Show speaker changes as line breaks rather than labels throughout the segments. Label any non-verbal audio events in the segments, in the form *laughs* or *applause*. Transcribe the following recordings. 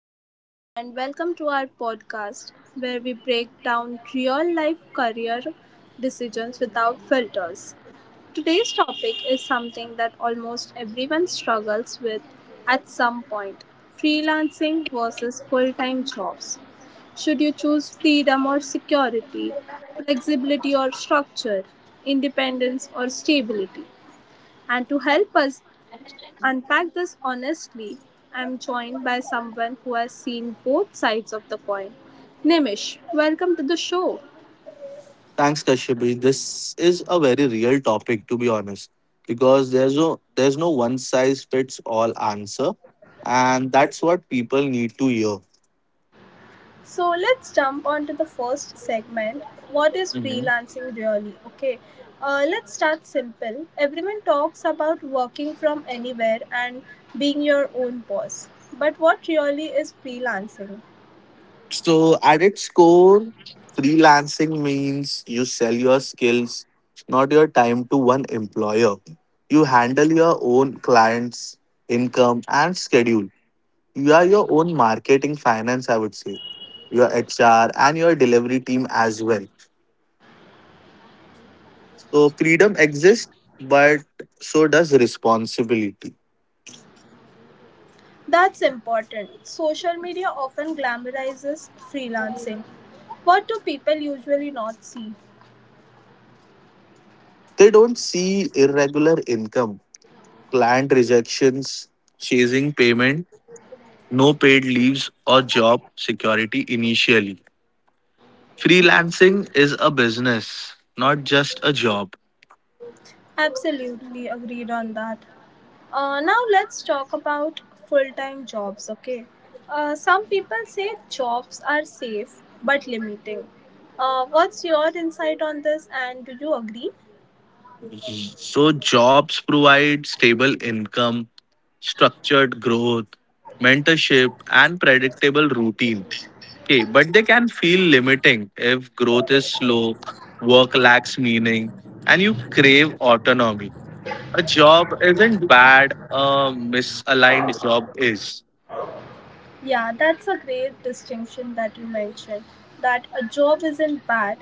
everyone, and welcome to our podcast where we break down real life career decisions without filters. Today's topic is something that almost everyone struggles with at some point freelancing versus full time jobs. Should you choose freedom or security, flexibility or structure, independence or stability? And to help us unpack this honestly, I'm joined by someone who has seen both sides of the coin. Nimish, welcome to the show.
Thanks, Kashyapi. This is a very real topic, to be honest, because there's no one size fits all answer, and that's what people need to hear.
So let's jump on to the first segment. What is
hmm
freelancing really? Okay, let's start simple. Everyone talks about working from anywhere and being your own boss. But what really is freelancing?
So, at its core, freelancing means you sell your skills, not your time to one employer. You handle your own clients' income and schedule. You are your own marketing, finance, I would say, your HR, and your delivery team as well. So freedom exists, but so does responsibility.
That's important. Social media often glamorizes freelancing. What do people usually not see?
They don't see irregular income, client rejections, chasing payment, no paid leaves, or job security initially. Freelancing is a business, not just a job.
Absolutely agreed on that. Now let's talk about full time jobs, okay? Some people say jobs are safe but limiting. What's your insight on this and do you agree?
So jobs provide stable income, structured growth, mentorship, and predictable routine. Okay, but they can feel limiting if growth is slow, work lacks meaning, and you crave autonomy. A job isn't bad, a misaligned job is.
Yeah, that's a great distinction that you mentioned that a job isn't bad,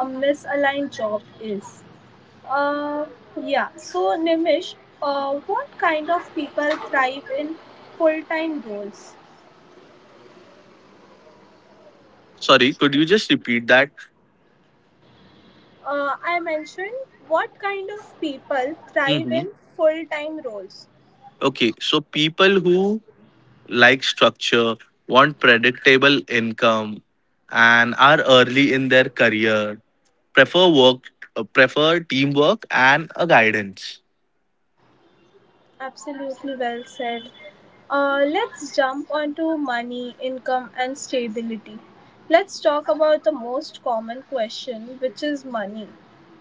a misaligned job is. Uh, yeah, so Nimish, what kind of people thrive in full time roles?
Sorry, could you just repeat that?
I mentioned what kind of people thrive
hmm
in full time roles.
Okay, so people who like structure, want predictable income, and are early in their career prefer teamwork and a guidance.
Absolutely well said. Let's jump onto money, income, and stability. Let's talk about the most common question, which is money.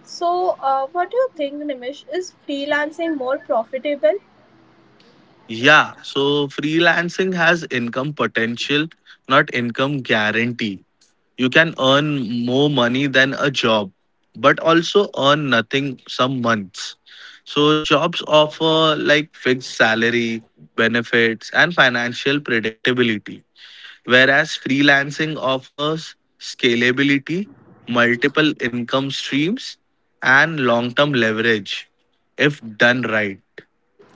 So, what do you think, Nimish? Is freelancing more profitable?
Yeah, so freelancing has income potential, not income guarantee. You can earn more money than a job, but also earn nothing some months. So jobs offer like fixed salary, benefits, and financial predictability, whereas freelancing offers scalability, multiple income streams, and long term leverage if done right.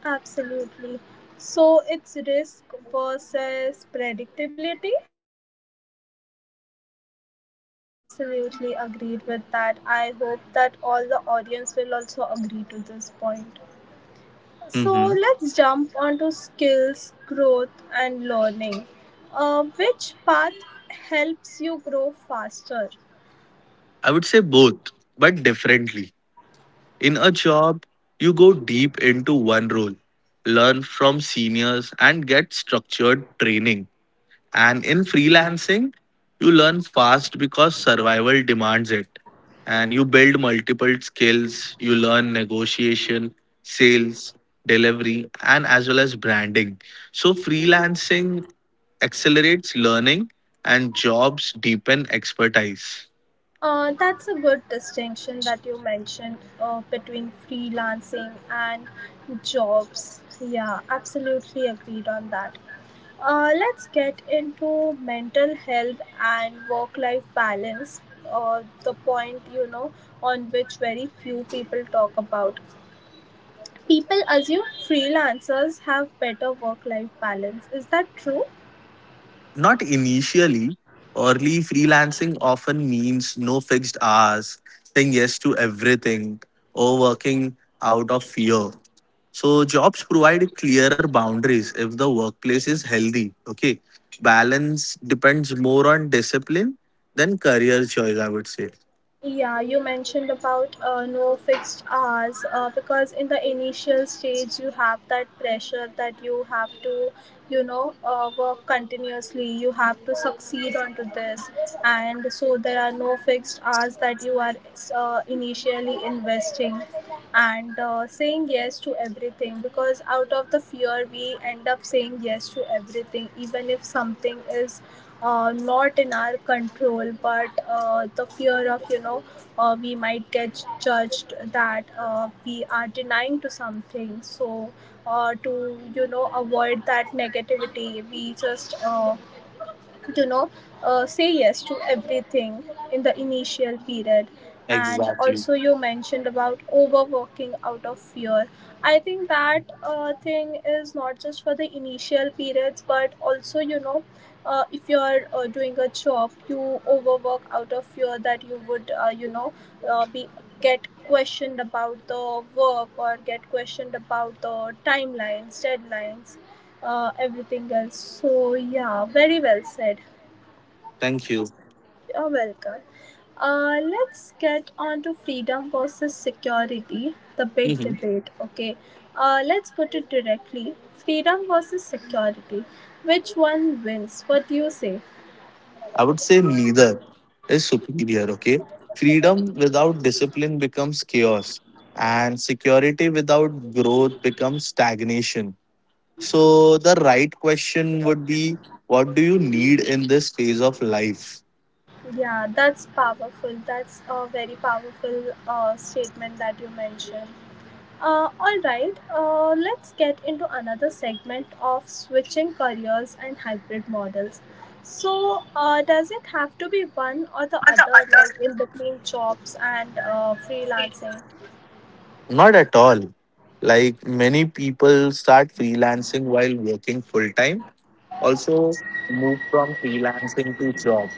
Absolutely. So, it's risk versus predictability.
Exactly.
Absolutely agreed with that. I hope that all the audience will also agree to this point. So
Mm-hmm.
let's jump onto skills, growth, and learning. Which path helps you grow faster?
I would say both, but differently. In a job, you go deep into one role, learn from seniors, and get structured training. And in freelancing, you learn fast because survival demands it. And you build multiple skills. You learn negotiation, sales, delivery, and as well as branding. So, freelancing accelerates learning, and jobs deepen expertise.
That's a good distinction that you mentioned between freelancing and jobs. Yeah, absolutely agreed on that. Let's get into mental health and work life balance, the point on which very few people talk about. People assume freelancers have better work life balance. Is that true?
Not initially. Early freelancing often means no fixed hours, saying yes to everything, or working out of fear. So, jobs provide clearer boundaries if the workplace is healthy. Okay. Balance depends more on discipline than career choice, I would say.
Yeah, you mentioned about no fixed hours because in the initial stage you have that pressure that you have to, you know, work continuously. You have to succeed onto this, and so there are no fixed hours that you are initially investing and saying yes to everything because out of the fear we end up saying yes to everything even if something is not in our control but the fear of we might get judged that we are denying to something so to avoid that negativity we just you know say yes to everything in the initial period. And
Exactly.
also you mentioned about overworking out of fear. I think that thing is not just for the initial periods but also if you're doing a job you overwork out of fear that you would be get questioned about the work or get questioned about the timelines deadlines everything else. So, yeah, very well said.
Thank you.
You're welcome. Let's get on to freedom versus security, the
*laughs*
big
Mhm.
debate. Okay, let's put it directly freedom versus security. Which one wins? What do you say?
I would say neither is superior, okay? Freedom without discipline becomes chaos, and security without growth becomes stagnation. So, the right question would be, what do you need in this phase of life?
Yeah, that's powerful. That's a very powerful statement that you mentioned. All right, let's get into another segment of switching careers and hybrid models. So, does it have to be one or the other, like in between jobs and freelancing?
Not at all. Like many people start freelancing while working full time, also move from freelancing to job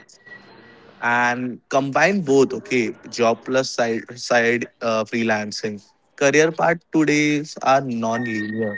and combine both. Okay, job plus side freelancing. Career path todays are non-linear.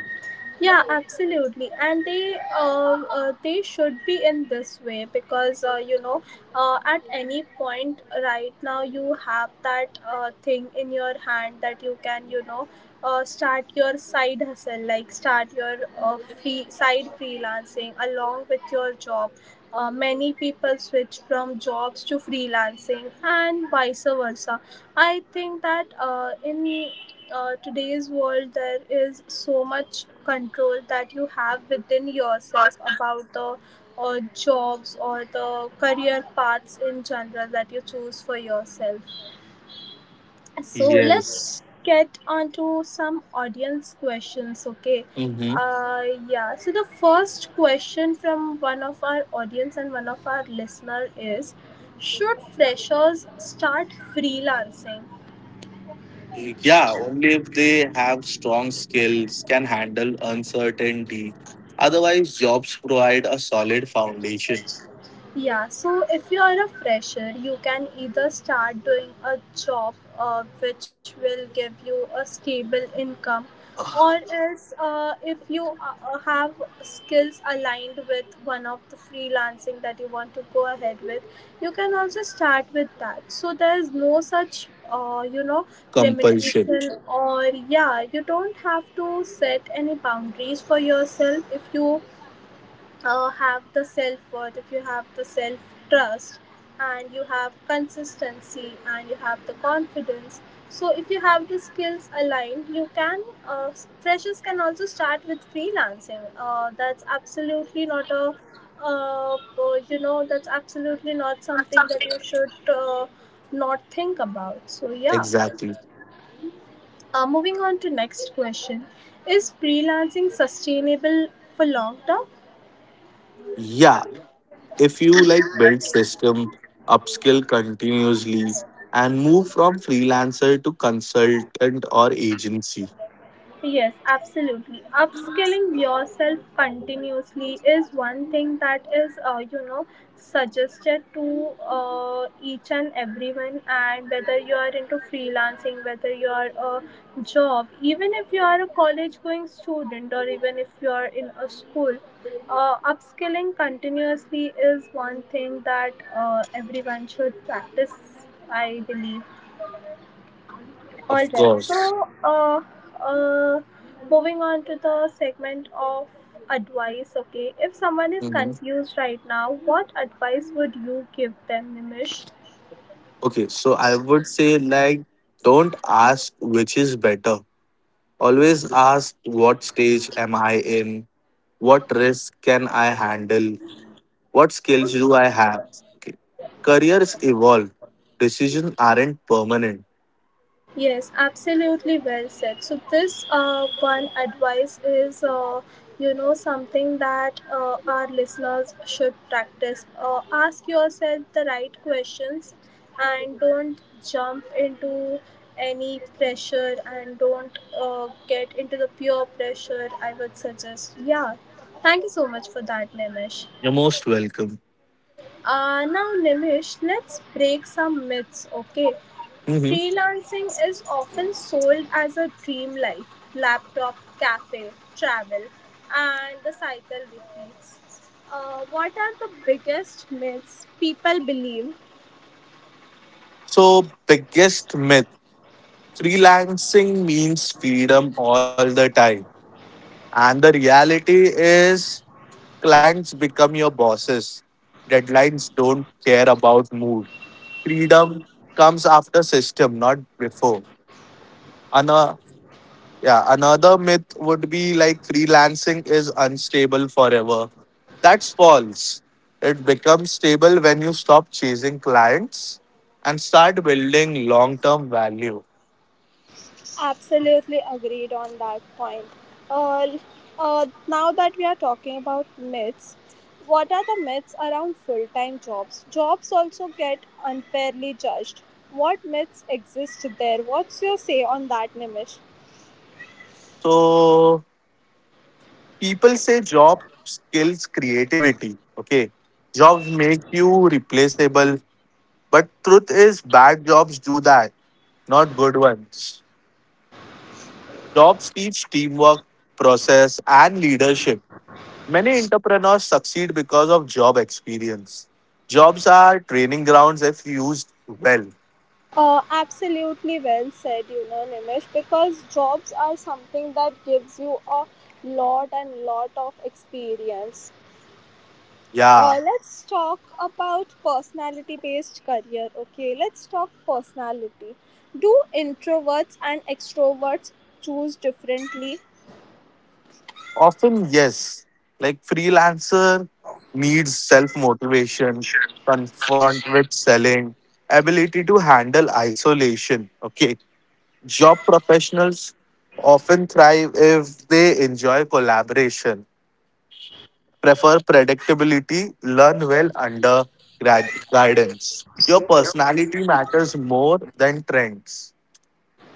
Yeah, absolutely, and they should be in this way because at any point right now you have that thing in your hand that you can start your side hustle like start your free side freelancing along with your job. Many people switch from jobs to freelancing and vice versa. I think that in today's world there is so much control that you have within yourself about the jobs or the career paths in general that you choose for yourself. So let's
Yes.
get onto some audience questions, okay?
Hmm.
uh yeah, so the first question from one of our audience and one of our listener is, should freshers start freelancing?
Yeah, only if they have strong skills can handle uncertainty. Otherwise, jobs provide a solid foundation.
Yeah, so if you are a fresher, you can either start doing a job which will give you a stable income, or
*sighs*
else if you have skills aligned with one of the freelancing that you want to go ahead with, you can also start with that. So there is no such
Compulsion,
limitation. Or yeah, you don't have to set any boundaries for yourself if you have the self worth, if you have the self trust, and you have consistency and you have the confidence. So, if you have the skills aligned, you can uh, freshers can also start with freelancing. That's absolutely not a uh, uh, that's absolutely not something that you should not think about. So, yeah.
exactly.
Moving on to next question, is freelancing sustainable for long term?
Yeah. If you like build system, upskill continuously, and move from freelancer to consultant or agency.
Yes, absolutely. Upskilling yourself continuously is one thing that is, suggested to each and everyone. And whether you are into freelancing, whether you are a job, even if you are a college going student, or even if you are in a school, upskilling continuously is one thing that everyone should practice, I believe. All
Of
right.
course.
So, uh, moving on to the segment of advice. Okay, if someone is
Mhm.
confused right now, what advice would you give them, Nimish?
Okay, so I would say, like, don't ask which is better, always ask what stage am I in, what risk can I handle, what skills do I have. Okay, careers evolve, decisions aren't permanent.
Yes, absolutely well said. So this one advice is something that our listeners should practice. Ask yourself the right questions and don't jump into any pressure and don't get into the pure pressure, I would suggest. Yeah. Thank you so much for that, Nimish.
You're most welcome.
Now, Nimish, let's break some myths, okay?
Mhm.
Freelancing is often sold as a dream life laptop, cafe, travel, and the cycle repeats. What are the biggest myths people believe?
So, biggest myth, freelancing means freedom all the time. And the reality is, clients become your bosses. Deadlines don't care about mood. Freedom comes after system, not before. Another, yeah, another myth would be like freelancing is unstable forever. That's false. It becomes stable when you stop chasing clients and start building long term value.
Absolutely agreed on that point. Uh, Now that we are talking about myths, what are the myths around full time jobs? Jobs also get unfairly judged. What myths exist there? What's your say on that, Nimish?
So, people say job skills creativity. Okay, jobs make you replaceable, but truth is bad jobs do that, not good ones. Jobs teach teamwork, process, and leadership. Many entrepreneurs succeed because of job experience. Jobs are training grounds if used well.
Absolutely well said, you know, Nimish, because jobs are something that gives you a lot and lot of experience.
Yeah.
Let's talk about personality based career, okay? Let's talk personality. Do introverts and extroverts choose differently?
Often, yes. Like freelancer needs self motivation, confront with selling, ability to handle isolation. Okay. Job professionals often thrive if they enjoy collaboration, prefer predictability, learn well under guidance. Your personality matters more than trends.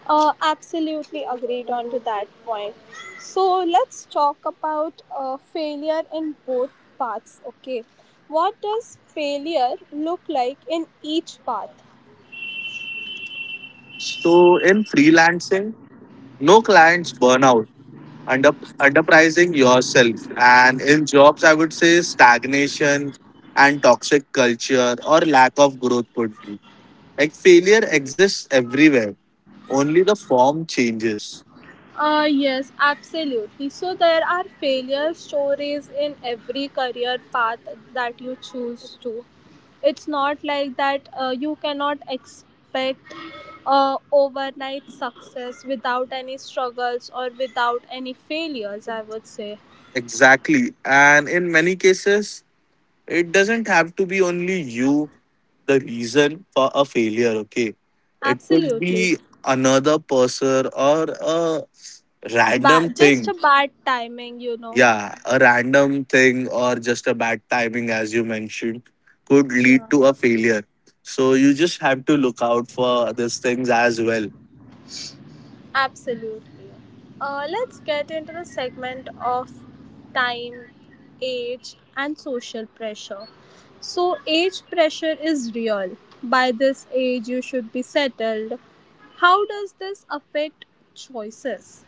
Absolutely agreed on to that point. So let's talk about failure in both paths, okay? What does failure look like in each path?
So, in freelancing, no clients burnout, under underpricing yourself. And in jobs, I would say stagnation and toxic culture or lack of growth would be. Like failure exists everywhere. Only the form changes.
Yes, absolutely. So there are failure stories in every career path that you choose to. It's not like that you cannot expect overnight success without any struggles or without any failures, I would say.
Exactly. And in many cases, it doesn't have to be only you the reason for a failure, okay? It could
Absolutely.
be another person or a random
Just
thing.
a bad timing, you know.
Yeah, a random thing or just a bad timing, as you mentioned, could
Yeah.
lead to a failure. So you just have to look out for these things as well.
Absolutely. Let's get into the segment of time, age, and social pressure. So, age pressure is real. By this age, you should be settled. How does this affect choices?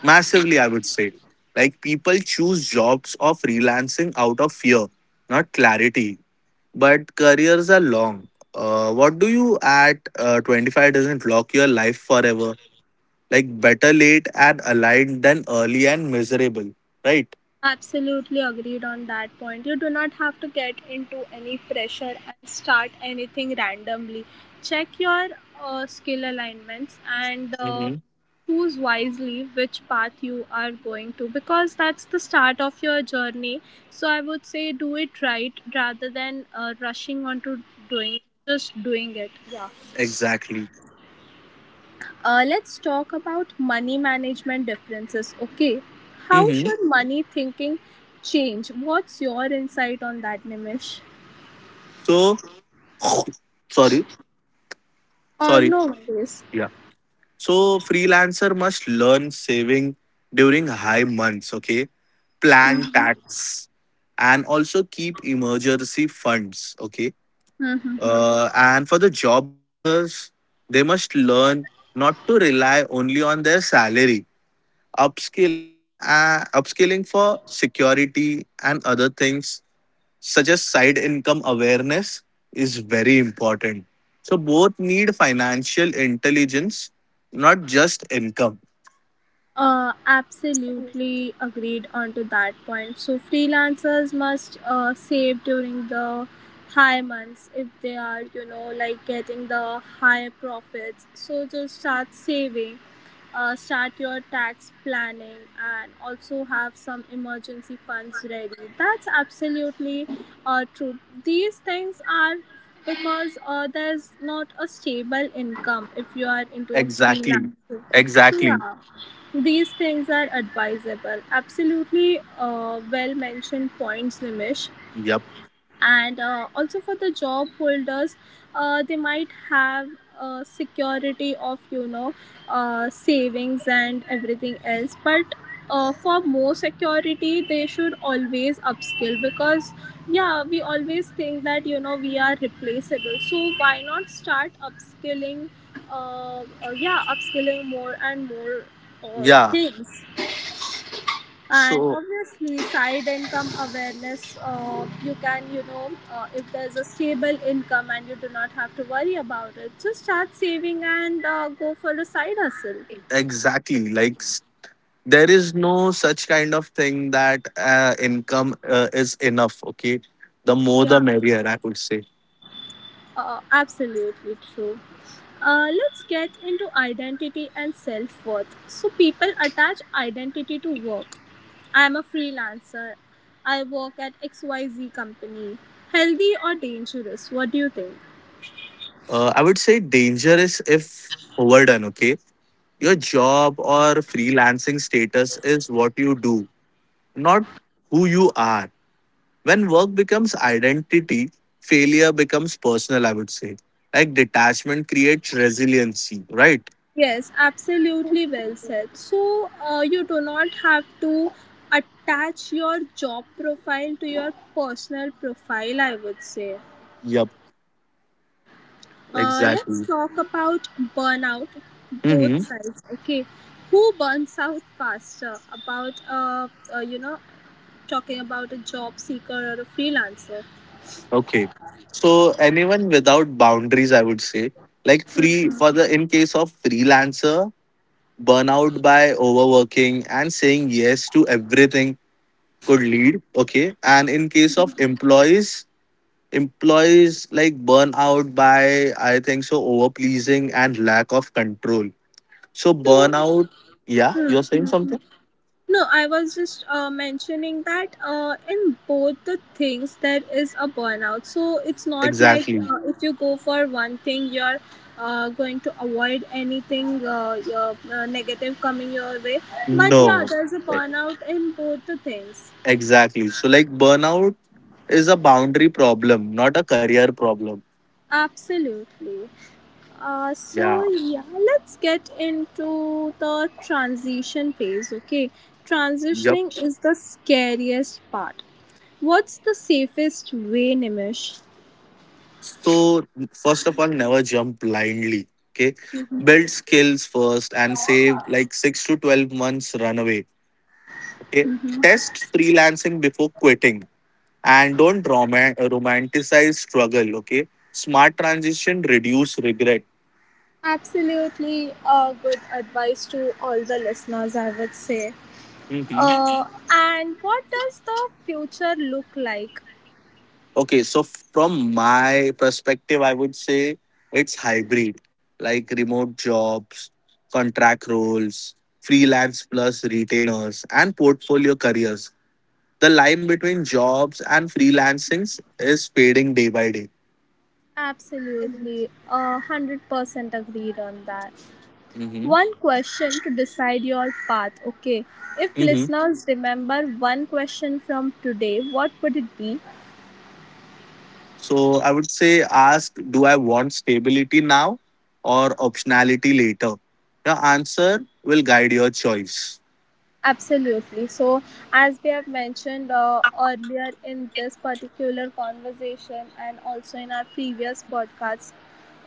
Massively, I would say. Like people choose jobs or freelancing out of fear, not clarity. But careers are long. What do you at 25 doesn't lock your life forever? Like better late and aligned than early and miserable, right?
Absolutely agreed on that point. You do not have to get into any pressure and start anything randomly. Check your skill alignments and
Mm-hmm.
choose wisely which path you are going to because that's the start of your journey. So I would say do it right rather than rushing onto doing just doing it.
Exactly.
Let's talk about money management differences. Okay, how
Mm-hmm.
should money thinking change? What's your insight on that, Nimish?
So, *laughs* *coughs* sorry, sorry.
No worries.
Yeah, so freelancer must learn saving during high months. Okay, plan tax and also keep emergency funds. Okay,
*laughs*
and for the job holders, they must learn not to rely only on their salary. Upskilling for security and other things such as side income awareness is very important. So, both need financial intelligence, not just income.
Absolutely agreed onto that point. So freelancers must save during the high months if they are, you know, like getting the high profits. So just start saving, start your tax planning, and also have some emergency funds ready. That's absolutely true. These things are because there's not a stable income if you are into a freelancer.
Exactly.
So
Exactly.
yeah. These things are advisable. Absolutely well mentioned points, Nimish.
Yep.
And also for the job holders, they might have security of savings and everything else. But for more security, they should always upskill because yeah, we always think that we are replaceable. So why not start upskilling? Yeah, upskilling more and more
Yeah.
things, and
So,
obviously side income awareness. You can if there's a stable income and you do not have to worry about it, so start saving and go for a side hustle.
exactly. Like, there is no such kind of thing that income is enough. Okay, the more, the
Yeah,
merrier, I would say.
absolutely true. Let's get into identity and self-worth. So people attach identity to work. I am a freelancer, I work at XYZ company. Healthy or dangerous? What do you think?
I would say dangerous if overdone. Okay. Your job or freelancing status is what you do, not who you are. When work becomes identity, failure becomes personal, I would say. Like detachment creates resiliency, right?
Yes, absolutely well said. So, you do not have to attach your job profile to your personal profile, I would say.
Yep,
Let's
exactly.
talk about burnout, both
Mm-hmm.
sides, okay? Who burns out faster about, uh, you know, talking about a job seeker or a freelancer?
Okay. So anyone without boundaries, I would say, like free for the in case of freelancer, burnout by overworking and saying yes to everything could lead. Okay. And in case of employees, like burn out by I think so over pleasing and lack of control, so
So,
burnout. Yeah,
hmm,
you're saying something.
No, I was just mentioning that in both the things there is a burnout. So it's not like
Exactly.
if you go for one thing, you're going to avoid anything negative coming your way. But yeah,
No.
there's a
E-
burnout in both the things.
exactly, so like burnout is a boundary problem, not a career problem.
Absolutely. So
Yeah.
yeah, let's get into the transition phase. Okay,
Yep.
transitioning is the scariest part. What's the safest way, Nimish?
So first of all, never jump blindly. Okay, build skills first and save like 6 to 12 months runaway. Okay, test freelancing before quitting, and don't rom- romanticize struggle. Okay, smart transition reduce regret.
Absolutely, good advice to all the listeners, I would say. *laughs*
Mhm.
And what does the future look like?
Okay, so from my perspective I would say it's hybrid. Like remote jobs, contract roles, freelance plus retainers, and portfolio careers. The line between jobs and freelancings is fading day by day.
Absolutely, 100% agreed on that.
Mhm.
One question to decide your path, okay? If listeners remember one question from today, what would it be?
So I would say ask, do I want stability now or optionality later? Your answer will guide your choice.
Absolutely. So, as we have mentioned earlier in this particular conversation and also in our previous podcasts,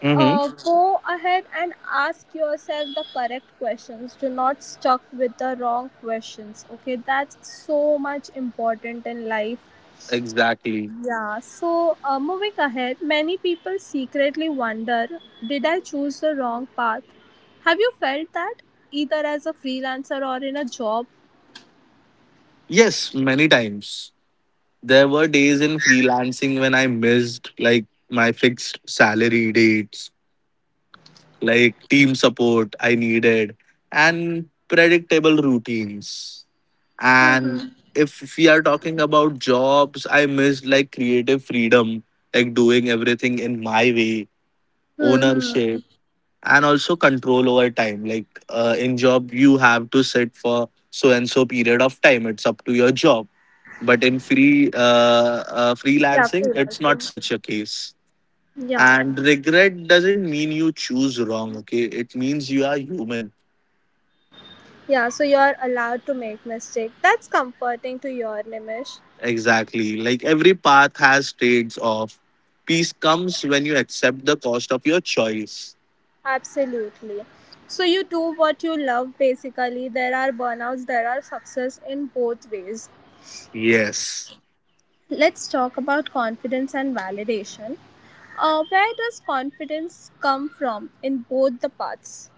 Mm-hmm.
go ahead and ask yourself the correct questions. Do not stuck with the wrong questions, okay? That's so much important in life.
Exactly.
Yeah, so moving ahead, many people secretly wonder, did I choose the wrong path? Have you felt that either as a freelancer or in a job?
Yes, many times. There were days in freelancing when I missed like my fixed salary dates, like team support I needed, and predictable routines.
Mm-hmm.
And if we are talking about jobs, I missed like creative freedom, like doing everything in my way,
Mm-hmm.
ownership, and also control over time. Like in job, you have to sit for so and so period of time. It's up to your job. But in
Yeah,
freelancing, it's not
freelancing.
such a case.
Yeah.
And regret doesn't mean you choose wrong. Okay, it means you are human.
Yeah, so you're allowed to make mistake. That's comforting to your Nimish.
Exactly. Like every path has trades off. Peace comes when you accept the cost of your choice.
Absolutely. So you do what you love basically. There are burnouts, there are success in both ways.
Yes.
Let's talk about confidence and validation. Where does confidence come from in both the paths?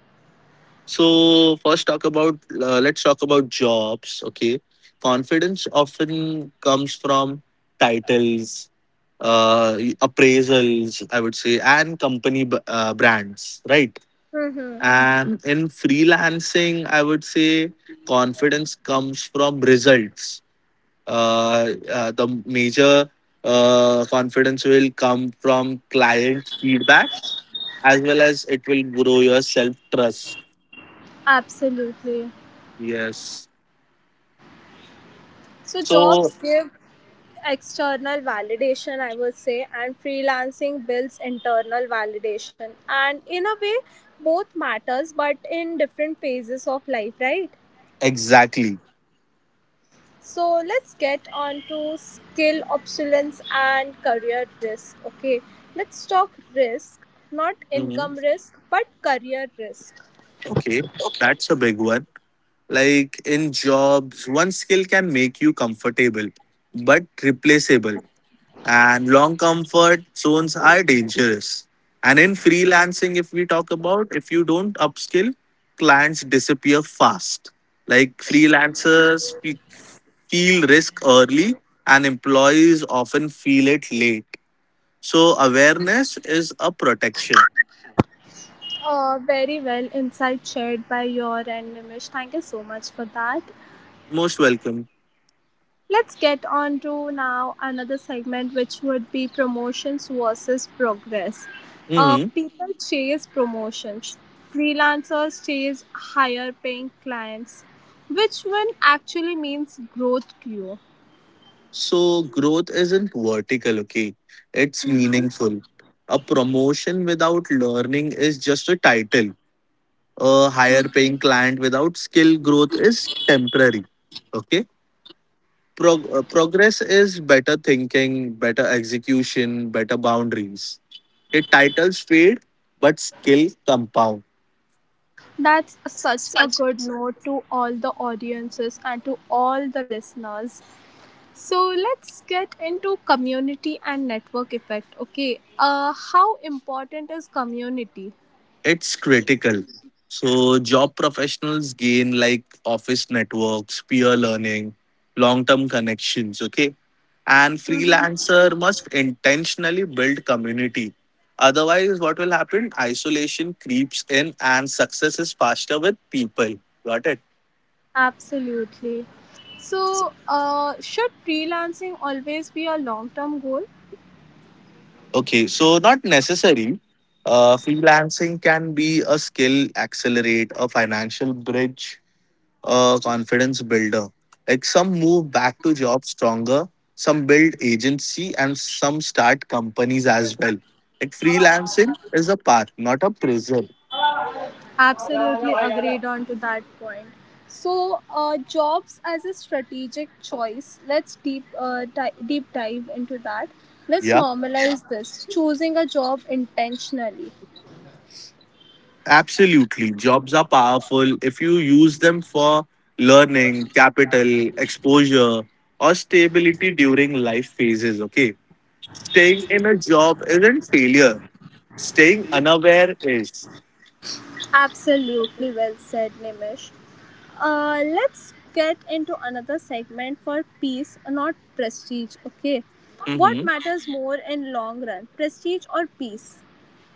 So first talk about let's talk about jobs, okay? Confidence often comes from titles, appraisals, I would say, and company brands, right?
Mm-hmm.
And in freelancing, I would say confidence comes from results. The major confidence will come from client feedback, as well as it will grow your self trust.
Absolutely.
Yes.
So
So,
jobs give external validation, I would say, and freelancing builds internal validation. And in a way, both matters, but in different phases of life, right?
exactly.
So let's get on to skill obsolescence and career risk. Okay, let's talk risk, not
Mhm.
income risk, but career risk.
Okay.
Okay.
That's a big one. Like in jobs, one skill can make you comfortable but replaceable, and long comfort zones are dangerous. And in freelancing, if we talk about, if you don't upskill, clients disappear fast. Like freelancers feel risk early, and employees often feel it late. So awareness is a protection.
Very well insight shared by your and Nimish. Thank you so much for that.
Most welcome.
Let's get on to now another segment, which would be promotions versus progress.
Mhm.
People chase promotions, freelancers chase higher paying clients. Which one actually means growth to you?
So growth isn't vertical, okay? It's meaningful. A promotion without learning is just a title, a higher paying client without skill growth is temporary. Okay, progress is better thinking, better execution, better boundaries. It titles fade, but skill compound.
That's such a good note to all the audiences and to all the listeners. So let's get into community and network effect. Okay, how important is community?
It's critical. So job professionals gain like office networks, peer learning, long term connections. Okay, and freelancer must intentionally build community, otherwise what will happen, isolation creeps in, and success is faster with people. Got it.
Absolutely. So, should freelancing always be a long term goal?
Okay, so not necessary. Freelancing can be a skill accelerate, a financial bridge, a confidence builder. Like some move back to job stronger, some build agency, and some start companies as well. Like freelancing is a path, not a prison.
Absolutely agreed on to that point. So, jobs as a strategic choice. Let's deep dive into that. Let's
Yeah.
normalize this. Choosing a job intentionally.
Absolutely. Jobs are powerful if you use them for learning, capital, exposure, or stability during life phases. Okay. Staying in a job isn't failure, staying unaware is.
Absolutely well said, Nimish. Let's get into another segment for peace, not prestige. Okay, what
Mhm.
matters more in long run, prestige or peace?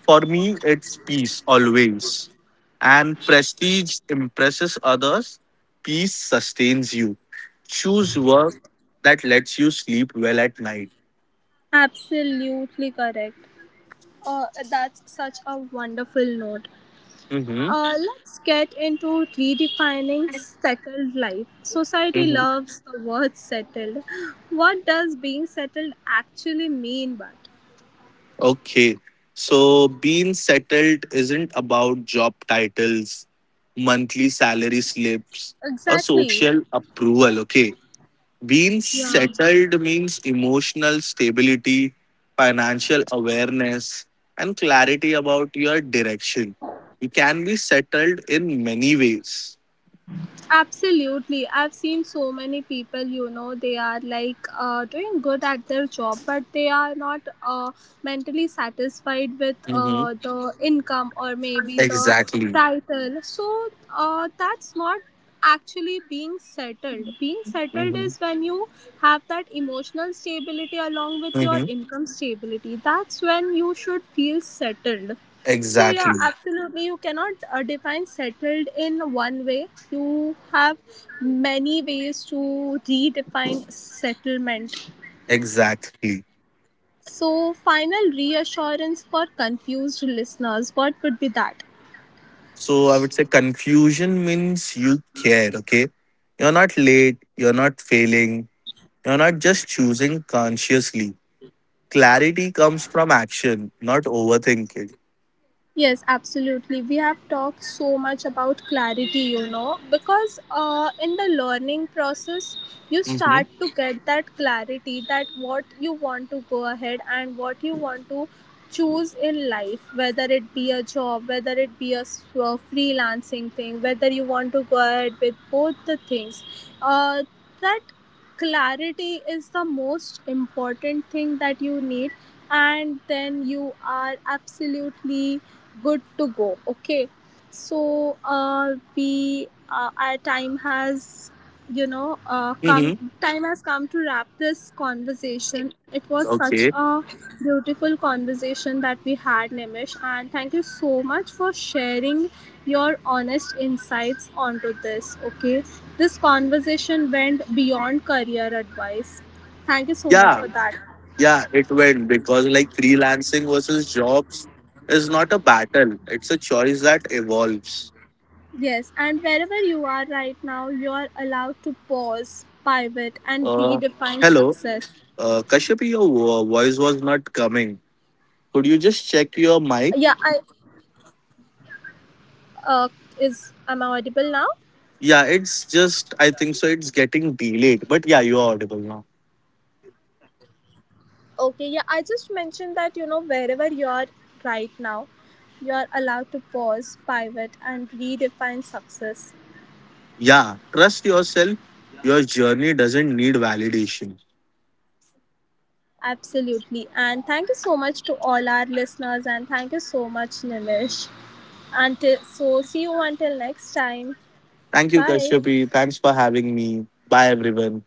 For me, it's peace always. And prestige impresses others, peace sustains you. Choose work that lets you sleep well at night.
Absolutely correct. That's such a wonderful note.
Mhm.
Let's get into redefining settled life. Society loves the word settled. What does being settled actually mean, but?
Okay. So being settled isn't about job titles, monthly salary slips, or
Exactly.
social approval. Okay. Being
Yeah.
settled means emotional stability, financial awareness, and clarity about your direction. You can be settled in many ways.
Absolutely. I've seen so many people, you know, they are like doing good at their job, but they are not mentally satisfied with
Mhm.
the income or maybe the
Exactly.
title. So that's not actually being settled. Being settled
Mhm.
is when you have that emotional stability along with your
Mhm.
income stability. That's when you should feel settled. So yeah,
Exactly.
absolutely. You cannot define settled in one way. You have many ways to redefine settlement.
Exactly.
So, final reassurance for confused listeners, what would be that?
So I would say confusion means you care, okay? You're not late, you're not failing, you're not just choosing consciously. Clarity comes from action, not overthinking.
Yes, absolutely. We have talked so much about clarity, you know, because in the learning process, you
Mm-hmm.
start to get that clarity that what you want to go ahead and what you want to choose in life, whether it be a job, whether it be a freelancing thing, whether you want to go ahead with both the things. Uh, that clarity is the most important thing that you need, and then you are absolutely good to go. Okay, so we our time has come,
Mm-hmm.
time has come to wrap this conversation. It was such
Okay.
a beautiful conversation that we had, Nimish, and thank you so much for sharing your honest insights onto this. Okay, this conversation went beyond career advice. Thank you so much
Yeah,
for that.
yeah, it went because like freelancing versus jobs is not a battle, it's a choice that evolves.
Yes, and wherever you are right now, you are allowed to pause, pivot, and
Uh,
redefine
Hello,
success.
Kashyapi, your voice was not coming. Could you just
Yeah,
check
I
your mic?
uh, is am I audible now?
Yeah, it's just, I think so, it's getting delayed. But yeah, you're audible now.
Okay, yeah, I just mentioned that, you know, wherever you are right now, you are allowed to pause, pivot, and redefine success.
Yeah, trust yourself. Your journey doesn't need validation.
Absolutely, and thank you so much to all our listeners, and thank you so much, Nimish. Until so, see you until next time. Bye.
Thank you, Kashyapi. Thanks for having me. Bye, everyone.